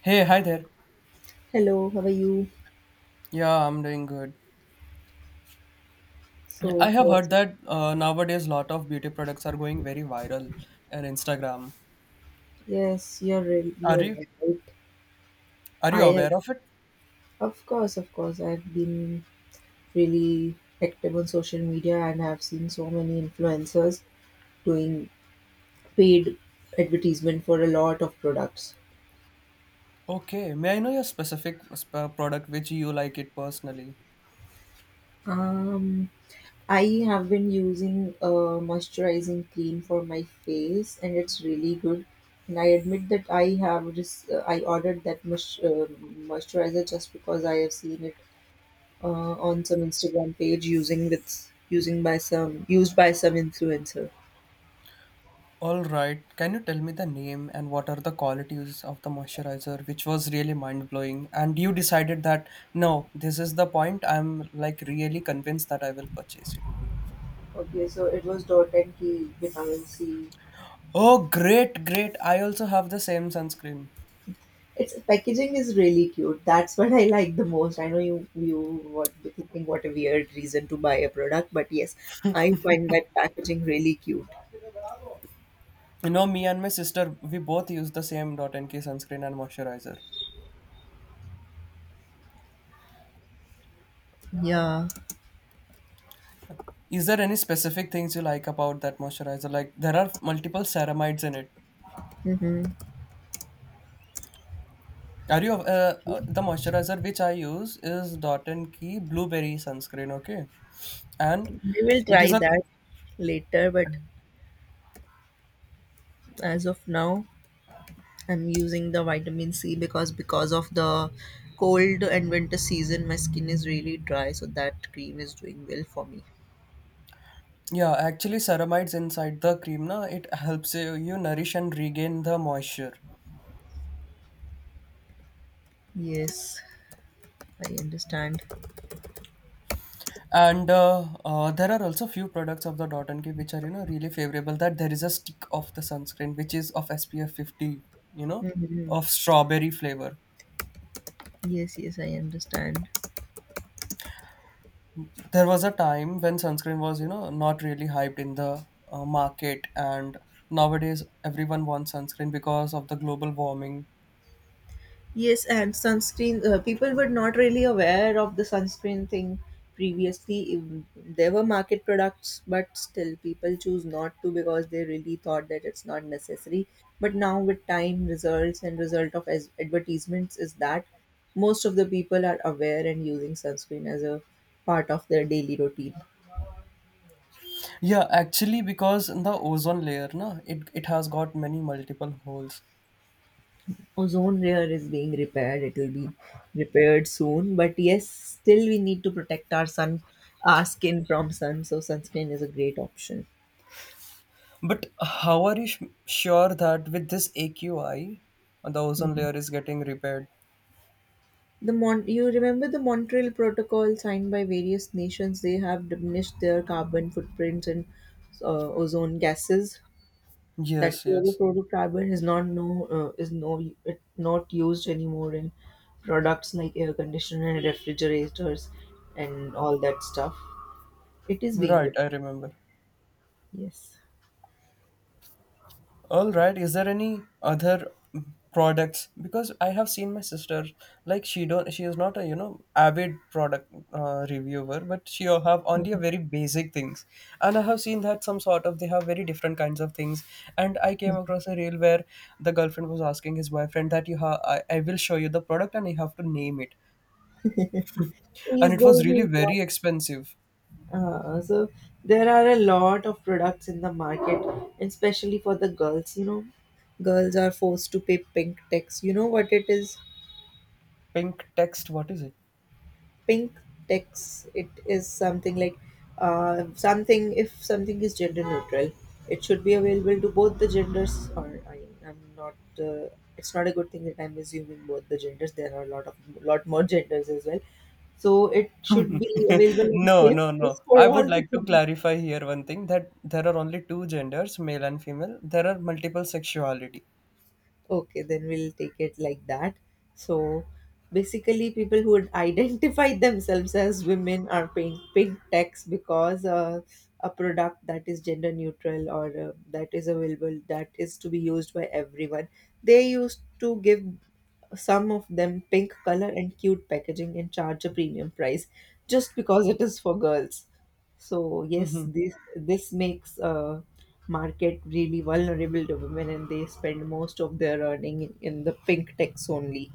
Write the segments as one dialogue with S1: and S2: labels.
S1: Hey, hi there.
S2: Hello, how are you?
S1: Yeah, I'm doing good. I
S2: So,
S1: have heard
S2: what's up?
S1: that nowadays lot of beauty products are going very viral on Instagram.
S2: Yes,
S1: Are
S2: you're
S1: you
S2: right.
S1: are you
S2: I have,
S1: aware of it?
S2: of course, of course. I've been really active on social media, and I've seen so many influencers doing paid advertisement for a lot of products.
S1: Okay, may I know your specific product which you like it personally?
S2: Um, I have been using a moisturizing cream for my face, and it's really good. And I admit that I have just I ordered that moisturizer just because I have seen it on some Instagram page using with using by some used by some influencer.
S1: All right. Can you tell me the name and what are the qualities of the moisturizer which was really mind-blowing and you decided that no, this is the point I'm like really convinced that I will purchase it.
S2: Okay, so it was dot and key vitamin C.
S1: Oh, great, great. I also have the same sunscreen.
S2: Its packaging is really cute. That's what I like the most. I know you what be thinking what a weird reason to buy a product, but yes, I find that packaging really cute.
S1: You know, me and my sister, we both use the same Dot NK sunscreen and moisturizer.
S2: Yeah.
S1: Is there any specific things you like about that moisturizer? Like, there are multiple ceramides in it.
S2: Mm-hmm.
S1: Are you the moisturizer which I use is Dot NK blueberry sunscreen? Okay, and
S2: We will
S1: it
S2: try
S1: is a,
S2: that later, but as of now, I'm using the vitamin C because of the cold and winter season, my skin is really dry. So that cream is doing well for me.
S1: yeah, actually ceramides inside the cream. Na, it helps you nourish and regain the moisture.
S2: Yes, I understand.
S1: And there are also few products of the dot and key which are really favorable that there is a stick of the sunscreen which is of SPF 50 you know
S2: Hmm.
S1: of strawberry flavor.
S2: Yes, yes, I understand.
S1: There was a time when sunscreen was not really hyped in the market, and nowadays everyone wants sunscreen because of the global warming.
S2: Yes, and sunscreen, people were not really aware of the sunscreen thing previously. There were market products, but still people choose not to because they really thought that it's not necessary. But now with time, results and result of as advertisements is that most of the people are aware and using sunscreen as a part of their daily routine.
S1: Yeah, actually because the ozone layer, na, it has got many multiple holes.
S2: Ozone layer is being repaired. It will be repaired soon, but yes, still we need to protect our skin from sun, so sunscreen is a great option.
S1: But how are you sure that with this AQI, the ozone
S2: Mhm.
S1: layer is getting repaired?
S2: You remember the Montreal protocol signed by various nations. They have diminished their carbon footprints and ozone gases. That
S1: Yes, yes.
S2: fluorofluorocarbon is not no is no it not used anymore in products like air conditioner and refrigerators and all that stuff. It is being
S1: Right, I remember.
S2: Yes.
S1: All right, is there any other products? Because I have seen my sister, like she don't, she is not a avid product reviewer, but she have only a very basic things. And I have seen that some sort of they have very different kinds of things. And I came across a reel where the girlfriend was asking his boyfriend that I will show you the product and you have to name it. And
S2: Yes,
S1: it
S2: there
S1: was
S2: is
S1: really
S2: a lot.
S1: very expensive.
S2: So there are a lot of products in the market, and especially for the girls. You know, girls are forced to pay pink tax. You know what it is?
S1: Pink text, what is it?
S2: Pink text, it is something like something. If something is gender neutral, it should be available to both the genders, or I, I'm not uh, it's not a good thing that I'm assuming both the genders. There are a lot of lot more genders as well, so it should be available at the
S1: No,
S2: same
S1: no,
S2: place
S1: no.
S2: for
S1: I
S2: all
S1: would
S2: the
S1: like to
S2: genders.
S1: clarify here one thing that there are only two genders, male and female. There are multiple sexuality.
S2: Okay, then we'll take it like that. So basically, people who would identify themselves as women are paying pink tax because a product that is gender neutral or that is to be used by everyone. They used to give some of them pink color and cute packaging and charge a premium price just because it is for girls. So yes,
S1: Mhm.
S2: this makes market really vulnerable to women, and they spend most of their earning in the pink techs only.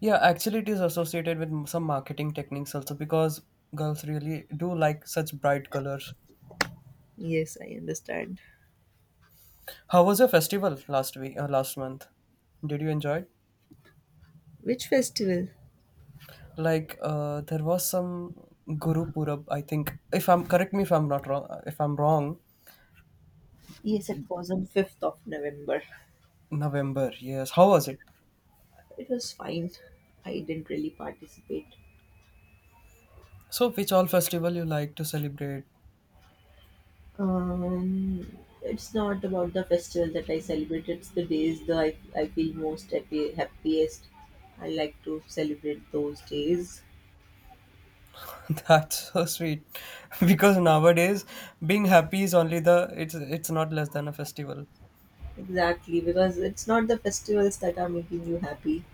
S1: Yeah, actually, it is associated with some marketing techniques also because girls really do like such bright colors.
S2: Yes, I understand.
S1: How was your festival last week? Last month, did you enjoy it?
S2: Which festival?
S1: Like, there was some Guru Purab, I think. If I'm correct me if I'm not wrong. If I'm wrong,
S2: Yes, it was on 5th of November.
S1: November, yes. How was it?
S2: It was fine. I didn't really participate.
S1: So, which all festival you like to celebrate?
S2: Um, it's not about the festival that I celebrate. It's the days that I feel most happy, happiest. I like to celebrate those days.
S1: That's so sweet, because nowadays being happy is only the it's not less than a festival.
S2: Exactly, because it's not the festivals that are making you happy.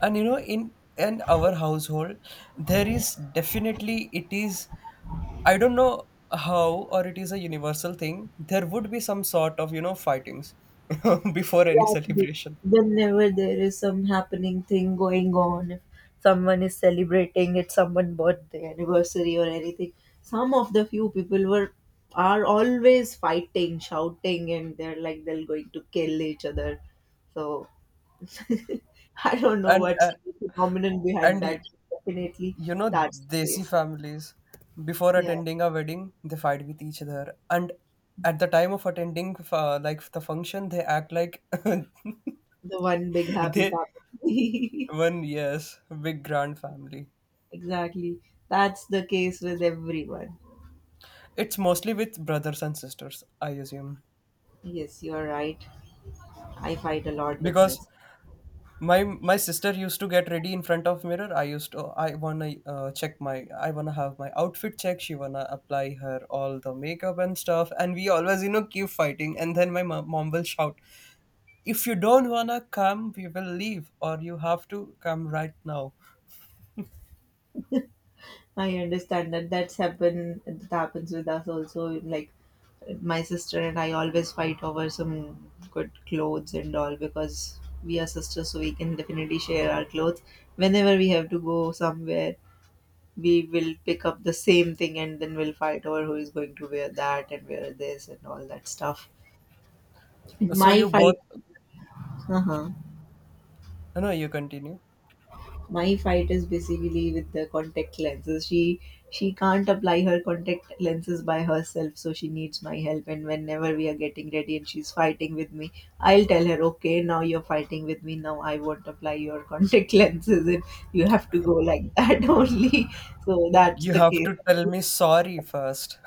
S1: And in our household, there is definitely it is. I don't know how, or it is a universal thing. There would be some sort of fightings before any
S2: Exactly.
S1: celebration,
S2: Whenever there is some happening thing going on, if someone is celebrating, it's someone's birthday, anniversary, or anything. Some of the few people were are always fighting, shouting, and they're like they're going to kill each other. So I don't know
S1: and
S2: what's
S1: uh,
S2: the phenomenon behind
S1: and
S2: that. Definitely, that's the
S1: Desi
S2: case.
S1: families, before
S2: Yeah,
S1: attending a wedding, they fight with each other. And at the time of attending, like the function, they act like
S2: the one big happy
S1: they
S2: family.
S1: one, yes, big grand family.
S2: Exactly. That's the case with everyone.
S1: It's mostly with brothers and sisters, I assume.
S2: Yes, you are right. I fight a lot with
S1: Because
S2: this.
S1: my sister used to get ready in front of mirror. I used to I wanna check my I wanna have my outfit check. She wanna apply her all the makeup and stuff. And we always keep fighting. And then my mom will shout, if you don't wanna come, we will leave, or you have to come right now.
S2: I understand that that's happen. That happens with us also. Like my sister and I always fight over some good clothes and all because we are sisters, so we can definitely share our clothes whenever we have to go somewhere. We will pick up the same thing, and then we'll fight over who is going to wear that and wear this and all that stuff.
S1: So
S2: My
S1: you both,
S2: fight Uh-huh.
S1: no, no, you continue.
S2: My fight is basically with the contact lenses. She can't apply her contact lenses by herself, so she needs my help. And whenever we are getting ready and she's fighting with me, I'll tell her, okay, now you're fighting with me. Now I won't apply your contact lenses, and you have to go like that only. So that's
S1: You
S2: the
S1: have
S2: case.
S1: to tell me sorry first.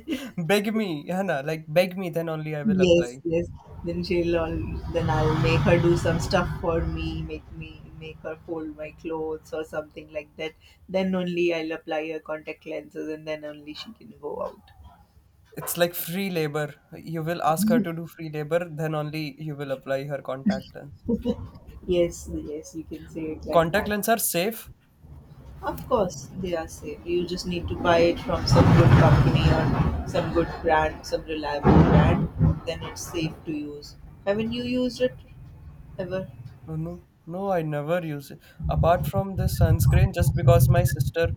S1: Beg me, Hannah, like beg me, then only I will
S2: Yes,
S1: apply.
S2: yes. Then she'll all, then I'll make her do some stuff for me, make her fold my clothes or something like that. Then only I'll apply her contact lenses, and then only she can go out.
S1: It's like free labor. You will ask her to do free labor, then only you will apply her contact lens.
S2: Yes, yes, you can say it like
S1: Contact
S2: that.
S1: lenses are safe.
S2: Of course, they are safe. You just need to buy it from some good company or some good brand, some reliable brand. Then it's safe to use. Haven't you used it ever?
S1: No, no, no, I never use it. Apart from this sunscreen, just because my sister,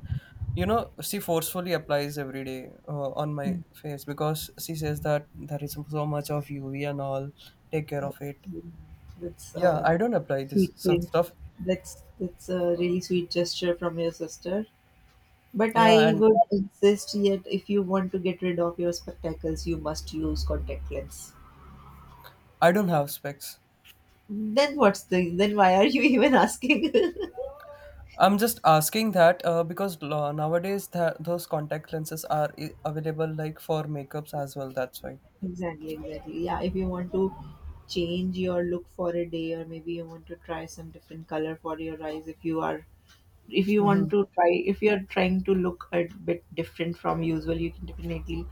S1: you know, she forcefully applies every day on my face because she says that there is so much of UV and all. Take care
S2: Uh,
S1: of it.
S2: mm, That's,
S1: Yeah,
S2: uh,
S1: I don't apply
S2: that's a
S1: this
S2: sweet
S1: such
S2: thing.
S1: stuff.
S2: That's a really sweet gesture from your sister. But
S1: Yeah,
S2: I
S1: and
S2: would insist yet if you want to get rid of your spectacles, you must use contact lens.
S1: I don't have specs.
S2: Then what's the then why are you even asking?
S1: I'm just asking that because nowadays those contact lenses are available like for makeups as well. That's why.
S2: Exactly, exactly. Yeah, if you want to change your look for a day, or maybe you want to try some different color for your eyes, if you are if you want to try if you're trying to look a bit different from usual, you can definitely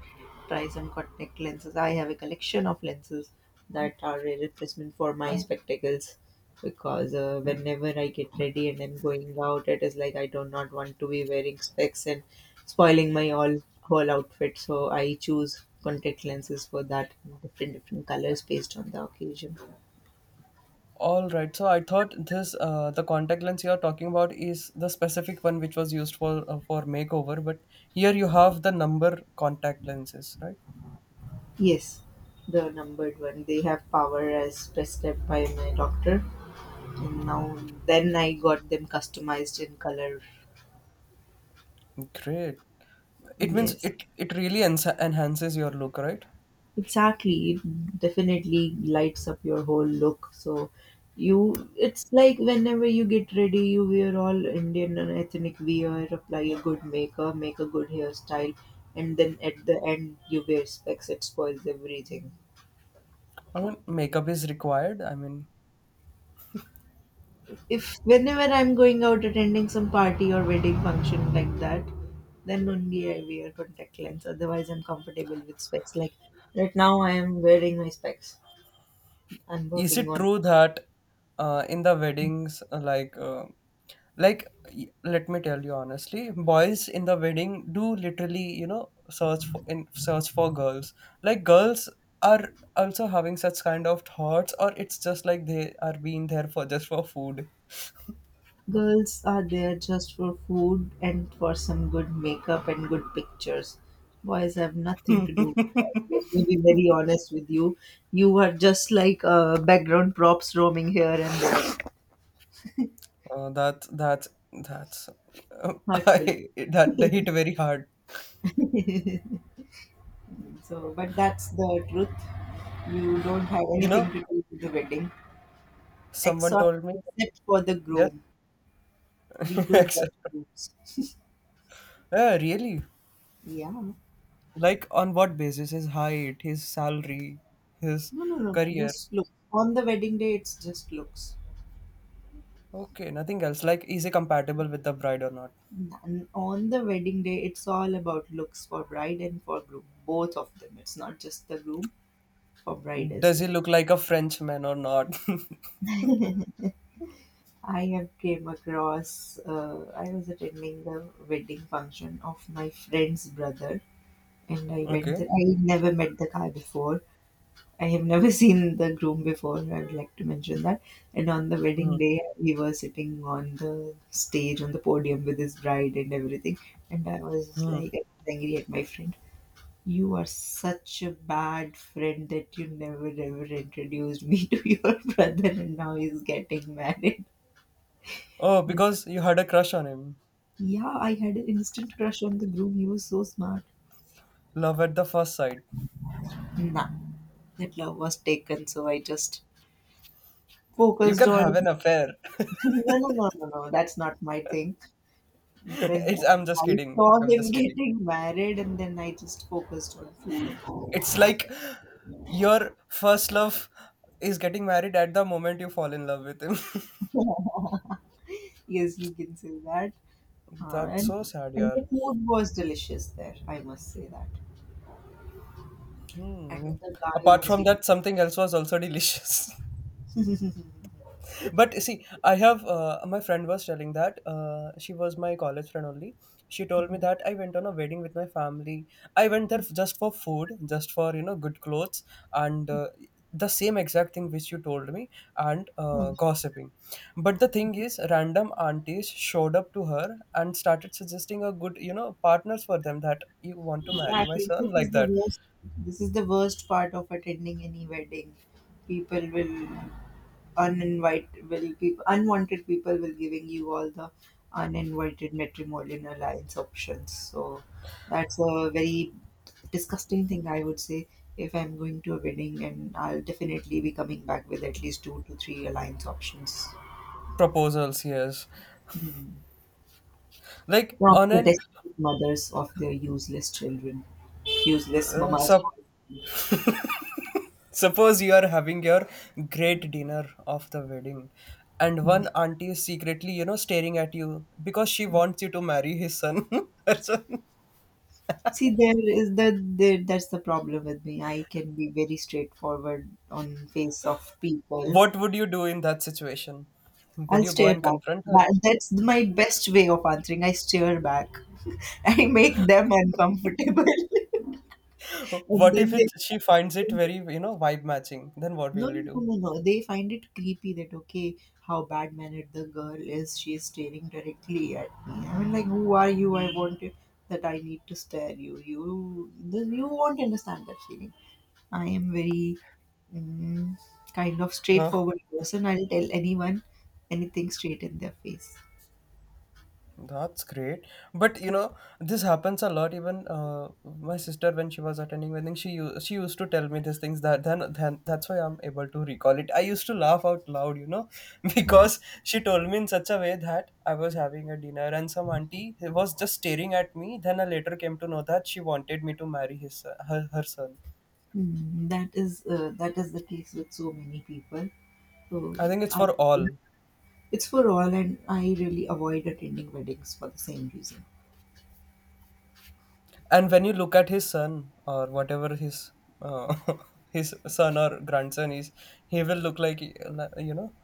S2: try some contact lenses. I have a collection of lenses that are a replacement for my spectacles, because whenever I get ready and I'm going out, it is like I do not want to be wearing specs and spoiling my all whole outfit, so I choose contact lenses for that, different different colors based on the occasion.
S1: All right. So I thought this the contact lens you are talking about is the specific one which was used for for makeover, but here you have the number contact lenses, right?
S2: Yes, the numbered one, they have power as prescribed by my doctor. And now Then I got them customized in color.
S1: Great. It means
S2: Yes,
S1: it really enhances your look, right?
S2: exactly. It definitely lights up your whole look. So you it's like whenever you get ready, you wear all Indian and ethnic wear, apply a good makeup, make a good hairstyle, and then at the end you wear specs, it spoils everything.
S1: I mean, makeup is required. I mean,
S2: If whenever I'm going out attending some party or wedding function like that, then only I wear contact lens. Otherwise, I'm comfortable with specs. Like right now, I am wearing my specs. I'm
S1: is
S2: working
S1: it
S2: on.
S1: true that in the weddings like like let me tell you honestly boys in the wedding do literally search for girls like girls are also having such kind of thoughts or it's just like they are being there for just for food.
S2: Girls are there just for food and for some good makeup and good pictures. Boys have nothing
S1: uh,
S2: to do with that. Let me be very honest with you. You are just like background props roaming here and there.
S1: that that that's
S2: Hurtful.
S1: that hit very hard.
S2: So, but that's the truth. You don't have
S1: you know
S2: anything to do with the wedding,
S1: Someone
S2: except
S1: told me.
S2: except for the
S1: Yes.
S2: groom. We do
S1: except-
S2: just looks.
S1: yeah, really.
S2: Yeah. No,
S1: Like on what basis? His height, his salary, his
S2: no, no, no.
S1: career.
S2: Just look. On the wedding day, it's just looks.
S1: Okay, nothing else. Like is he compatible with the bride or not?
S2: And on the wedding day, it's all about looks for bride and for groom, both of them. It's not just the groom, for bride as
S1: Does he
S2: well.
S1: look like a Frenchman or not?
S2: I have came across. I was attending the wedding function of my friend's brother, and I went
S1: Okay.
S2: there. I never met the guy before. I have never seen the groom before. I'd like to mention that. And on the
S1: Hmm.
S2: wedding day, we were sitting on the stage, on the podium with his bride and everything. And I was like, I was angry at my friend. You are such a bad friend that you never ever introduced me to your brother, and now he's getting married.
S1: Oh,
S2: And
S1: because you had a crush on him.
S2: yeah, I had an instant crush on the groom. He was so smart.
S1: Love at the first sight.
S2: Nah, that love was taken, so I just
S1: You
S2: focused
S1: can have
S2: on
S1: an affair.
S2: no, no, no, no, no. That's not my thing. Then
S1: It's I'm just
S2: I
S1: kidding.
S2: saw
S1: I'm
S2: them
S1: just kidding.
S2: getting married, and then I just focused on food.
S1: It's like your first love is getting married at the moment you fall in love with him.
S2: Yes, you can say that. Uh,
S1: That's so
S2: and
S1: sad,
S2: and
S1: yeah.
S2: the food was delicious there, I must say that. And
S1: Hmm.
S2: the guy
S1: Apart
S2: was
S1: from
S2: even
S1: that, something else was also delicious. But see, I have my friend was telling that she was my college friend only. She told me that I went on a wedding with my family. I went there just for food, just for good clothes, and the same exact thing which you told me, and
S2: Mhm.
S1: gossiping. But the thing is, random aunties showed up to her and started suggesting a good partners for them that you want to marry my
S2: Exactly.
S1: son
S2: This is
S1: like
S2: the
S1: that.
S2: worst. This is the worst part of attending any wedding. People will People will giving you all the uninvited matrimonial alliance options. So that's a very disgusting thing I would say. If I'm going to a wedding, and I'll definitely be coming back with at least two to three alliance options.
S1: Proposals. Yes.
S2: Hmm.
S1: Like
S2: From
S1: on
S2: the
S1: an
S2: desperate mothers of their useless children, useless
S1: uh,
S2: mamas.
S1: sup- Suppose you are having your great dinner of the wedding, and
S2: Hmm.
S1: one auntie is secretly staring at you because she wants you to marry his son. Her son.
S2: See, there is that. There, that's the problem with me. I can be very straightforward on face of people.
S1: What would you do in that situation? Would
S2: I'll
S1: you go
S2: stare
S1: and
S2: back.
S1: confront her?
S2: That's my best way of answering. I stare back. I make them uncomfortable, and
S1: What if
S2: then they
S1: she finds it very vibe matching? Then what
S2: no,
S1: will you
S2: no, no,
S1: do?
S2: no, no. They find it creepy that okay, how bad mannered the girl is. She is staring directly at me. I mean, like, who are you? I want you that I need to stare you. You, then you won't understand that feeling. I am very mm, kind of
S1: Huh?
S2: straightforward person. I'll tell anyone anything straight in their face.
S1: That's great. But this happens a lot. Even my sister, when she was attending wedding, she used to tell me these things. That then That's why I'm able to recall it. I used to laugh out loud, because she told me in such a way that I was having a dinner and some auntie was just staring at me. Then I later came to know that she wanted me to marry his her son.
S2: Mm, that is the case with so many people. So
S1: I think it's
S2: I,
S1: for all.
S2: it's for all, and I really avoid attending weddings for the same reason.
S1: And when you look at his son or whatever his uh, his son or grandson is, he will look like like, you know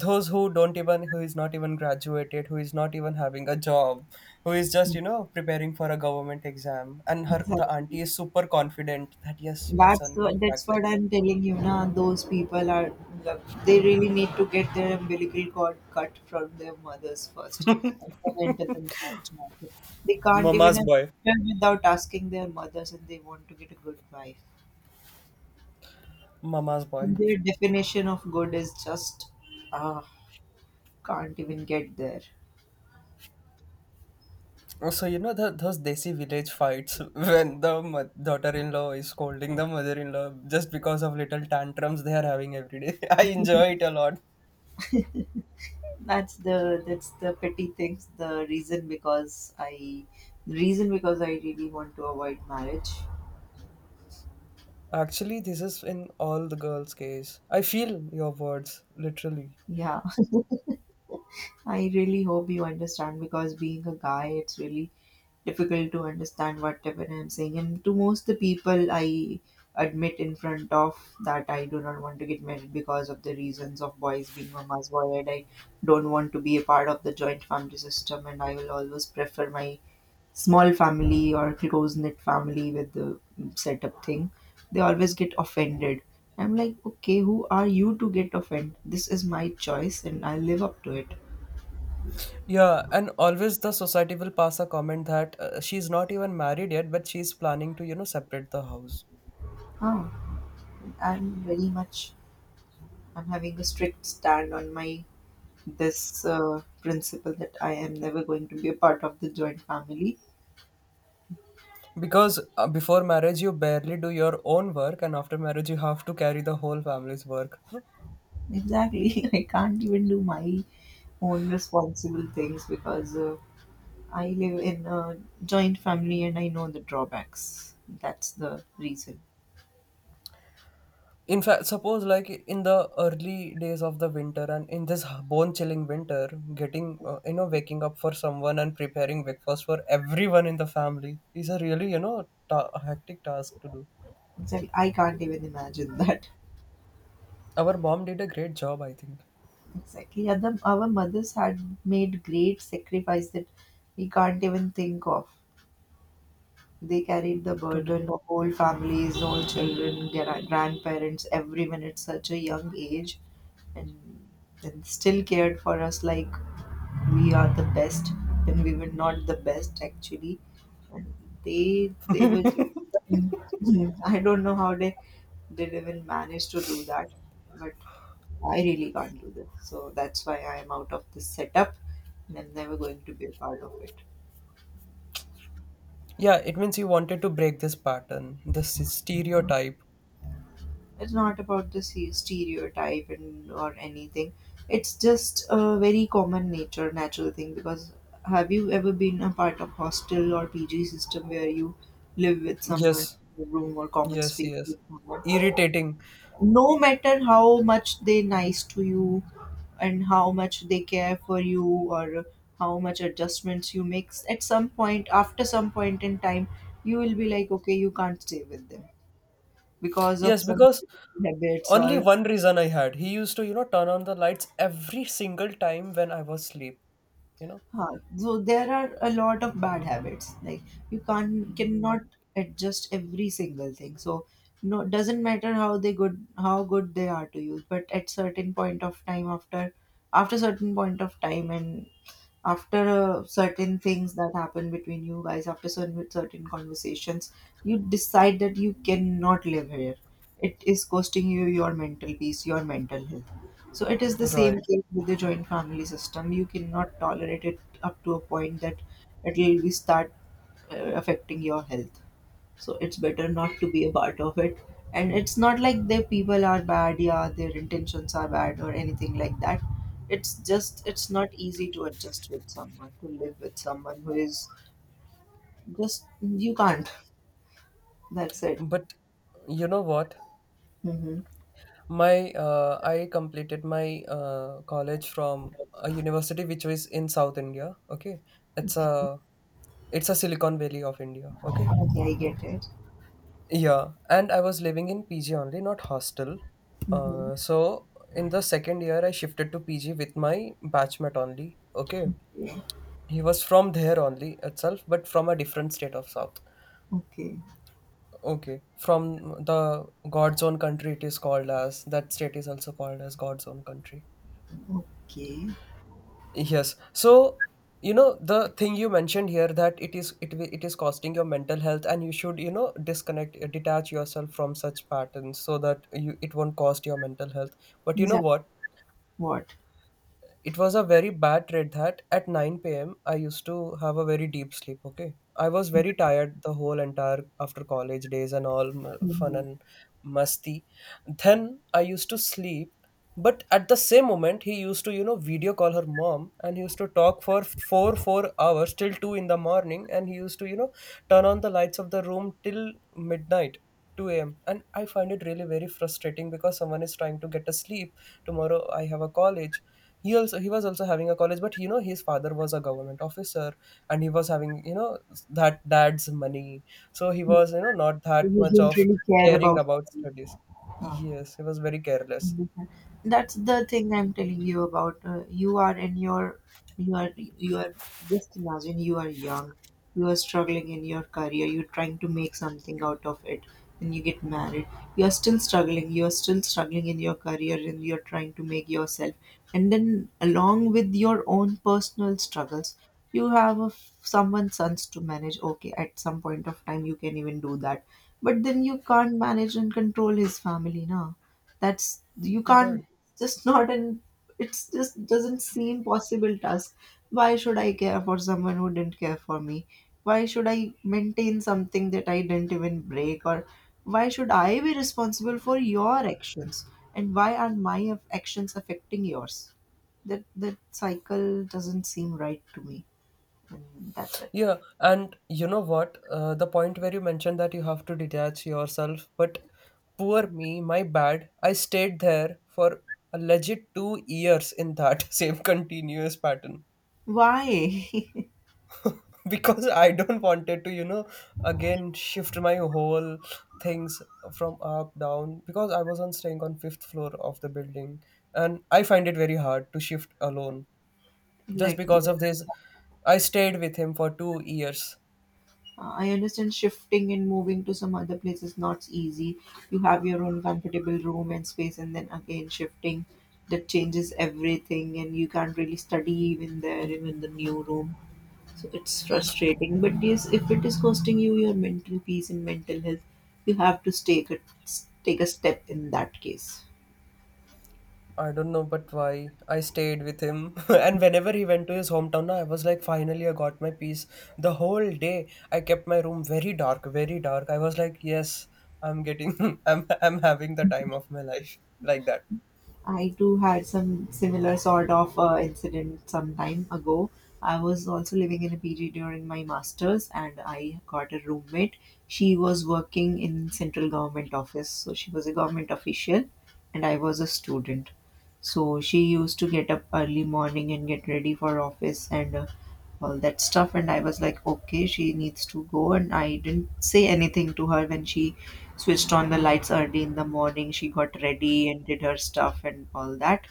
S1: those who don't even who is not even graduated, who is not even having a job, who is just preparing for a government exam. And her the auntie
S2: Exactly.
S1: is super confident that yes, my
S2: That's
S1: son will
S2: what that's
S1: crack the
S2: what
S1: exam.
S2: I'm telling you, na. Those people are they really need to get their umbilical cord cut from their mothers first and then enter the marriage market. They can't even
S1: Mama's boy,
S2: enter without asking their mothers, and they want to get a good wife.
S1: mama's boy.
S2: And their definition of good is just ah can't even get there.
S1: So those desi village fights when the daughter-in-law is scolding the mother-in-law just because of little tantrums they are having every day. I enjoy it a lot.
S2: That's the petty things. The reason because I really want to avoid marriage.
S1: Actually, this is in all the girls' case. I feel your words literally.
S2: Yeah. I really hope you understand because being a guy, it's really difficult to understand whatever I'm saying. And to most the people, I admit in front of that I do not want to get married because of the reasons of boys being mama's boy, and I don't want to be a part of the joint family system. And I will always prefer my small family or close knit family with the setup thing. They always get offended. I'm like, okay, who are you to get offended? This is my choice, and I live up to it.
S1: Yeah, and always the society will pass a comment that she's not even married yet, but she's planning to separate the house,
S2: Ah. I'm very much, I'm having a strict stand on my this principle that I am never going to be a part of the joint family.
S1: because before marriage you barely do your own work, and after marriage you have to carry the whole family's work.
S2: Exactly, I can't even do my own responsible things because I live in a joint family and I know the drawbacks. That's the reason.
S1: In fact, suppose like in the early days of the winter and in this bone chilling winter, waking up for someone and preparing breakfast for everyone in the family is a really, hectic task to do.
S2: Exactly, I can't even imagine that.
S1: Our mom did a great job, I think.
S2: Exactly, yeah, our mothers had made great sacrifice that we can't even think of. They carried the
S1: To d-
S2: burden of whole families, all children, grandparents, everyone at such a young age, and, and still cared for us like we are the best when we were not the best actually. And they were just, I don't know how they did even manage to do that, but I really can't do this. So that's why I am out of this setup, and I'm never going to be a part of it.
S1: yeah, it means you wanted to break this pattern, this stereotype.
S2: It's not about the stereotype and or anything. It's just a very common nature natural thing. Because have you ever been a part of hostel or PG system where you live with someone
S1: Yes,
S2: in a room or common
S1: yes,
S2: space
S1: yes.
S2: with someone,
S1: Irritating.
S2: no matter how much they nice to you and how much they care for you, or how much adjustments you make at some point, after some point in time you will be like, okay, you can't stay with them because of
S1: Yes,
S2: some
S1: because
S2: habits
S1: only
S2: or.
S1: one reason I had. He used to, turn on the lights every single time when I was asleep, you know.
S2: Huh. So there are a lot of bad habits. Like, you can't cannot adjust every single thing. So no, doesn't matter how they good, how good they are to you, but at certain point of time, after certain point of time and after certain things that happen between you guys, after certain conversations, you decide that you cannot live here. It is costing you your mental peace, your mental health. So it is the same
S1: Right.
S2: case with the joint family system. You cannot tolerate it up to a point that it will be start uh, affecting your health. So it's better not to be a part of it. And it's not like their people are bad, yeah, their intentions are bad or anything like that. It's just it's not easy to adjust with someone, to live with someone who is just you can't. That's it.
S1: But you know what?
S2: Mm-hmm.
S1: My I completed my college from a university which was in South India. Okay, it's a Silicon Valley of India. Okay,
S2: Okay, I get it.
S1: yeah, and I was living in PG only, not hostel.
S2: Mm-hmm.
S1: So in the second year, I shifted to PG with my batchmate only. Okay,
S2: Yeah.
S1: he was from there only itself, but from a different state of South.
S2: Okay.
S1: Okay, from the God's own country, it is called as that state is also called as God's own country.
S2: Okay.
S1: Yes. So, the thing you mentioned here that it is costing your mental health, and you should disconnect, detach yourself from such patterns so that you it won't cost your mental health. But you know
S2: Exactly.
S1: what?
S2: What?
S1: It was a very bad trade that at 9 p.m. I used to have a very deep sleep. Okay. I was very tired the whole entire after college days and all fun
S2: Mm-hmm.
S1: and musty. Then I used to sleep. But at the same moment, he used to, video call her mom, and he used to talk for four hours till 2 in the morning. And he used to, turn on the lights of the room till midnight, 2 a.m. And I find it really very frustrating because someone is trying to get a sleep. Tomorrow I have a college. He was also having a college, but his father was a government officer, and he was having that dad's money. So he was not
S2: You
S1: that much
S2: didn't
S1: of
S2: really care
S1: caring
S2: about
S1: about
S2: them.
S1: studies.
S2: Huh.
S1: Yes, he was very careless.
S2: That's the thing I'm telling you about. You are in your, you are, just imagine you are young, you are struggling in your career, you're trying to make something out of it, then you get married, you're still struggling in your career and you're trying to make yourself. And then along with your own personal struggles, you have a, someone's sons to manage. Okay, at some point of time you can even do that, but then you can't manage and control his family now. That's you can't,
S1: Right.
S2: just not an, it's just doesn't seem possible task. Why should I care for someone who didn't care for me? Why should I maintain something that I didn't even break? Or why should I be responsible for your actions? And why are my actions affecting yours? That cycle doesn't seem right to me. And that's it.
S1: Yeah, and you know what? The point where you mentioned that you have to detach yourself, but poor me, my bad. I stayed there for a legit 2 years in that same continuous pattern.
S2: Why?
S1: Because I don't wanted to, again shift my whole things from up down because I was on staying on fifth floor of the building, and I find it very hard to shift alone. Just
S2: Exactly.
S1: because of this, I stayed with him for 2 years.
S2: I understand shifting and moving to some other place is not easy. You have your own comfortable room and space, and then again shifting, that changes everything, and you can't really study even there, even the new room. So it's frustrating. But yes, if it is costing you your mental peace and mental health, you have to take a, take a step in that case.
S1: I don't know, but why I stayed with him. And whenever he went to his hometown, na I was like, finally, I got my peace. The whole day, I kept my room very dark, very dark. I was like, yes, I'm getting, I'm having the time of my life like that.
S2: I too had some similar sort of incident some time ago. I was also living in a PG during my master's, and I got a roommate. She was working in central government office, so she was a government official, and I was a student. So she used to get up early morning and get ready for office and all that stuff. And I was like, okay, she needs to go, and I didn't say anything to her when she switched on the lights early in the morning. She got ready and did her stuff and all that.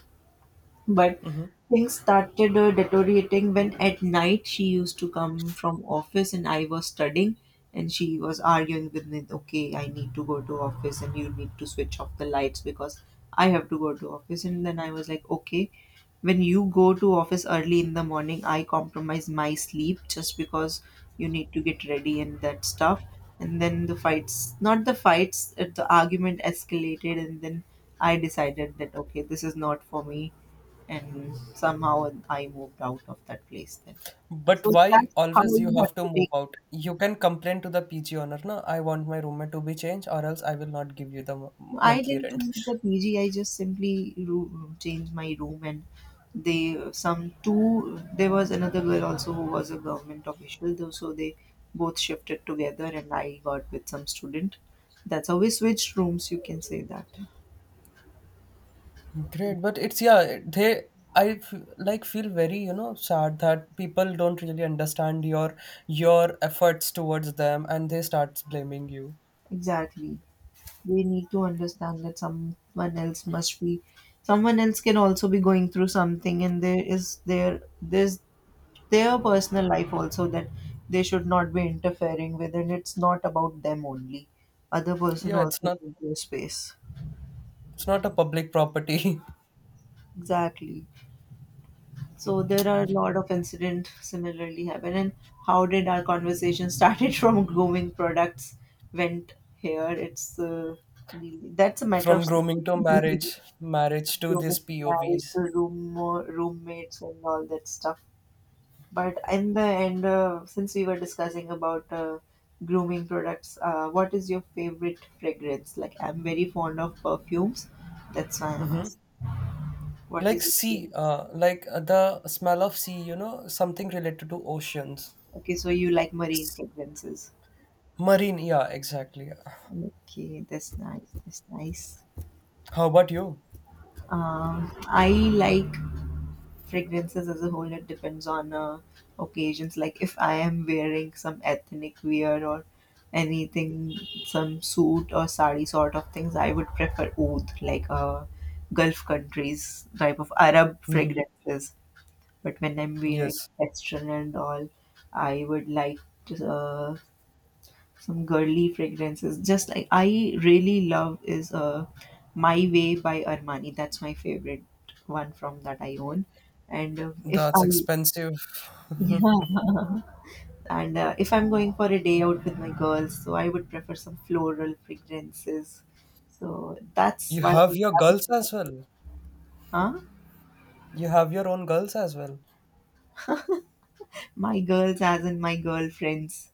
S2: But
S1: Mhm.
S2: things started deteriorating when at night she used to come from office and I was studying and she was arguing with me, okay, I need to go to office and you need to switch off the lights because I have to go to office. And then I was like, okay, when you go to office early in the morning, I compromise my sleep just because you need to get ready and that stuff. And then the fights not the fights, the argument escalated, and then I decided that okay, this is not for me, and somehow I moved out of that place then.
S1: But
S2: So
S1: why
S2: that's how
S1: always you
S2: you
S1: have
S2: have
S1: to
S2: to
S1: move
S2: take.
S1: out? You can complain to the PG owner, na? I want my roommate to be changed, or else I will not give you the
S2: I
S1: monthly
S2: didn't
S1: rent.
S2: change the PG. I just simply changed my room, and they some two. There was another girl also who was a government official, though, so they both shifted together, and I got with some student. That's how we switched rooms. You can say that.
S1: Great, but it's yeah, they like feel very, sad that people don't really understand your efforts towards them and they start blaming you.
S2: Exactly. They need to understand that someone else can also be going through something, and there is there there's their personal life also that they should not be interfering with. And it's not about them only, other person
S1: Yeah, it's
S2: also
S1: not
S2: needs their space.
S1: it's not a public property.
S2: Exactly. So there are a lot of incident similarly happen. And how did our conversation started from grooming products, went here. It's really- that's a matter of.
S1: From grooming to marriage, marriage to these P O
S2: Marriage,
S1: Vs.
S2: roommates, and all that stuff. But in the end, since we were discussing about grooming products, what is your favorite fragrance? Like, I'm very fond of perfumes. That's why I'm asking. What
S1: Like
S2: is your
S1: sea,
S2: favorite?
S1: like, the smell of sea, something related to oceans.
S2: Okay, so you like marine fragrances.
S1: Marine, yeah, exactly.
S2: Okay, that's nice. That's nice.
S1: How about you?
S2: I like fragrances as a whole. It depends on occasions. Like if I am wearing some ethnic wear or anything, some suit or sari sort of things, I would prefer oud, like gulf countries type of arab
S1: Hmm.
S2: fragrances. But when I'm wearing
S1: Yes.
S2: western and all, I would like to, some girly fragrances. Just like I really love is My Way by Armani. That's my favorite one from that I own. And if
S1: That's
S2: I
S1: expensive.
S2: yeah, and if I'm going for a day out with my girls, so I would prefer some floral fragrances. So that's
S1: You
S2: why I
S1: have your
S2: have
S1: girls as
S2: it.
S1: well.
S2: Huh?
S1: You have your own girls as well.
S2: My girls, as in my girlfriends.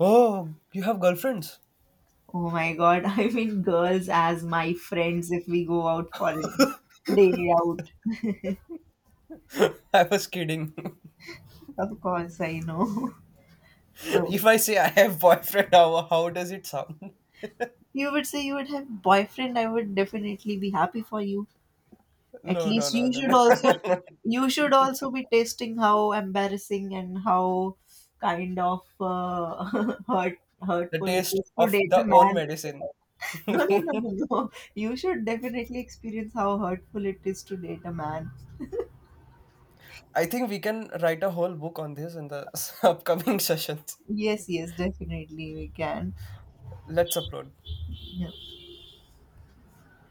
S1: Oh, you have girlfriends.
S2: Oh my God, I mean girls as my friends if we go out for a day out.
S1: I was kidding.
S2: Of course, I know. So,
S1: If I say I have boyfriend, how does it sound?
S2: you would say you would have boyfriend, I would definitely be happy for you. At
S1: No, no,
S2: least
S1: no,
S2: you
S1: no,
S2: should
S1: no.
S2: also, you should also be tasting how embarrassing and how kind of
S1: The
S2: hurtful it
S1: taste
S2: is to
S1: of
S2: date a
S1: the own
S2: man.
S1: medicine.
S2: No, no, no, no, no. You should definitely experience how hurtful it is to date a man.
S1: I think we can write a whole book on this in the upcoming sessions.
S2: Yes, yes, definitely we can.
S1: Let's upload.
S2: Yeah.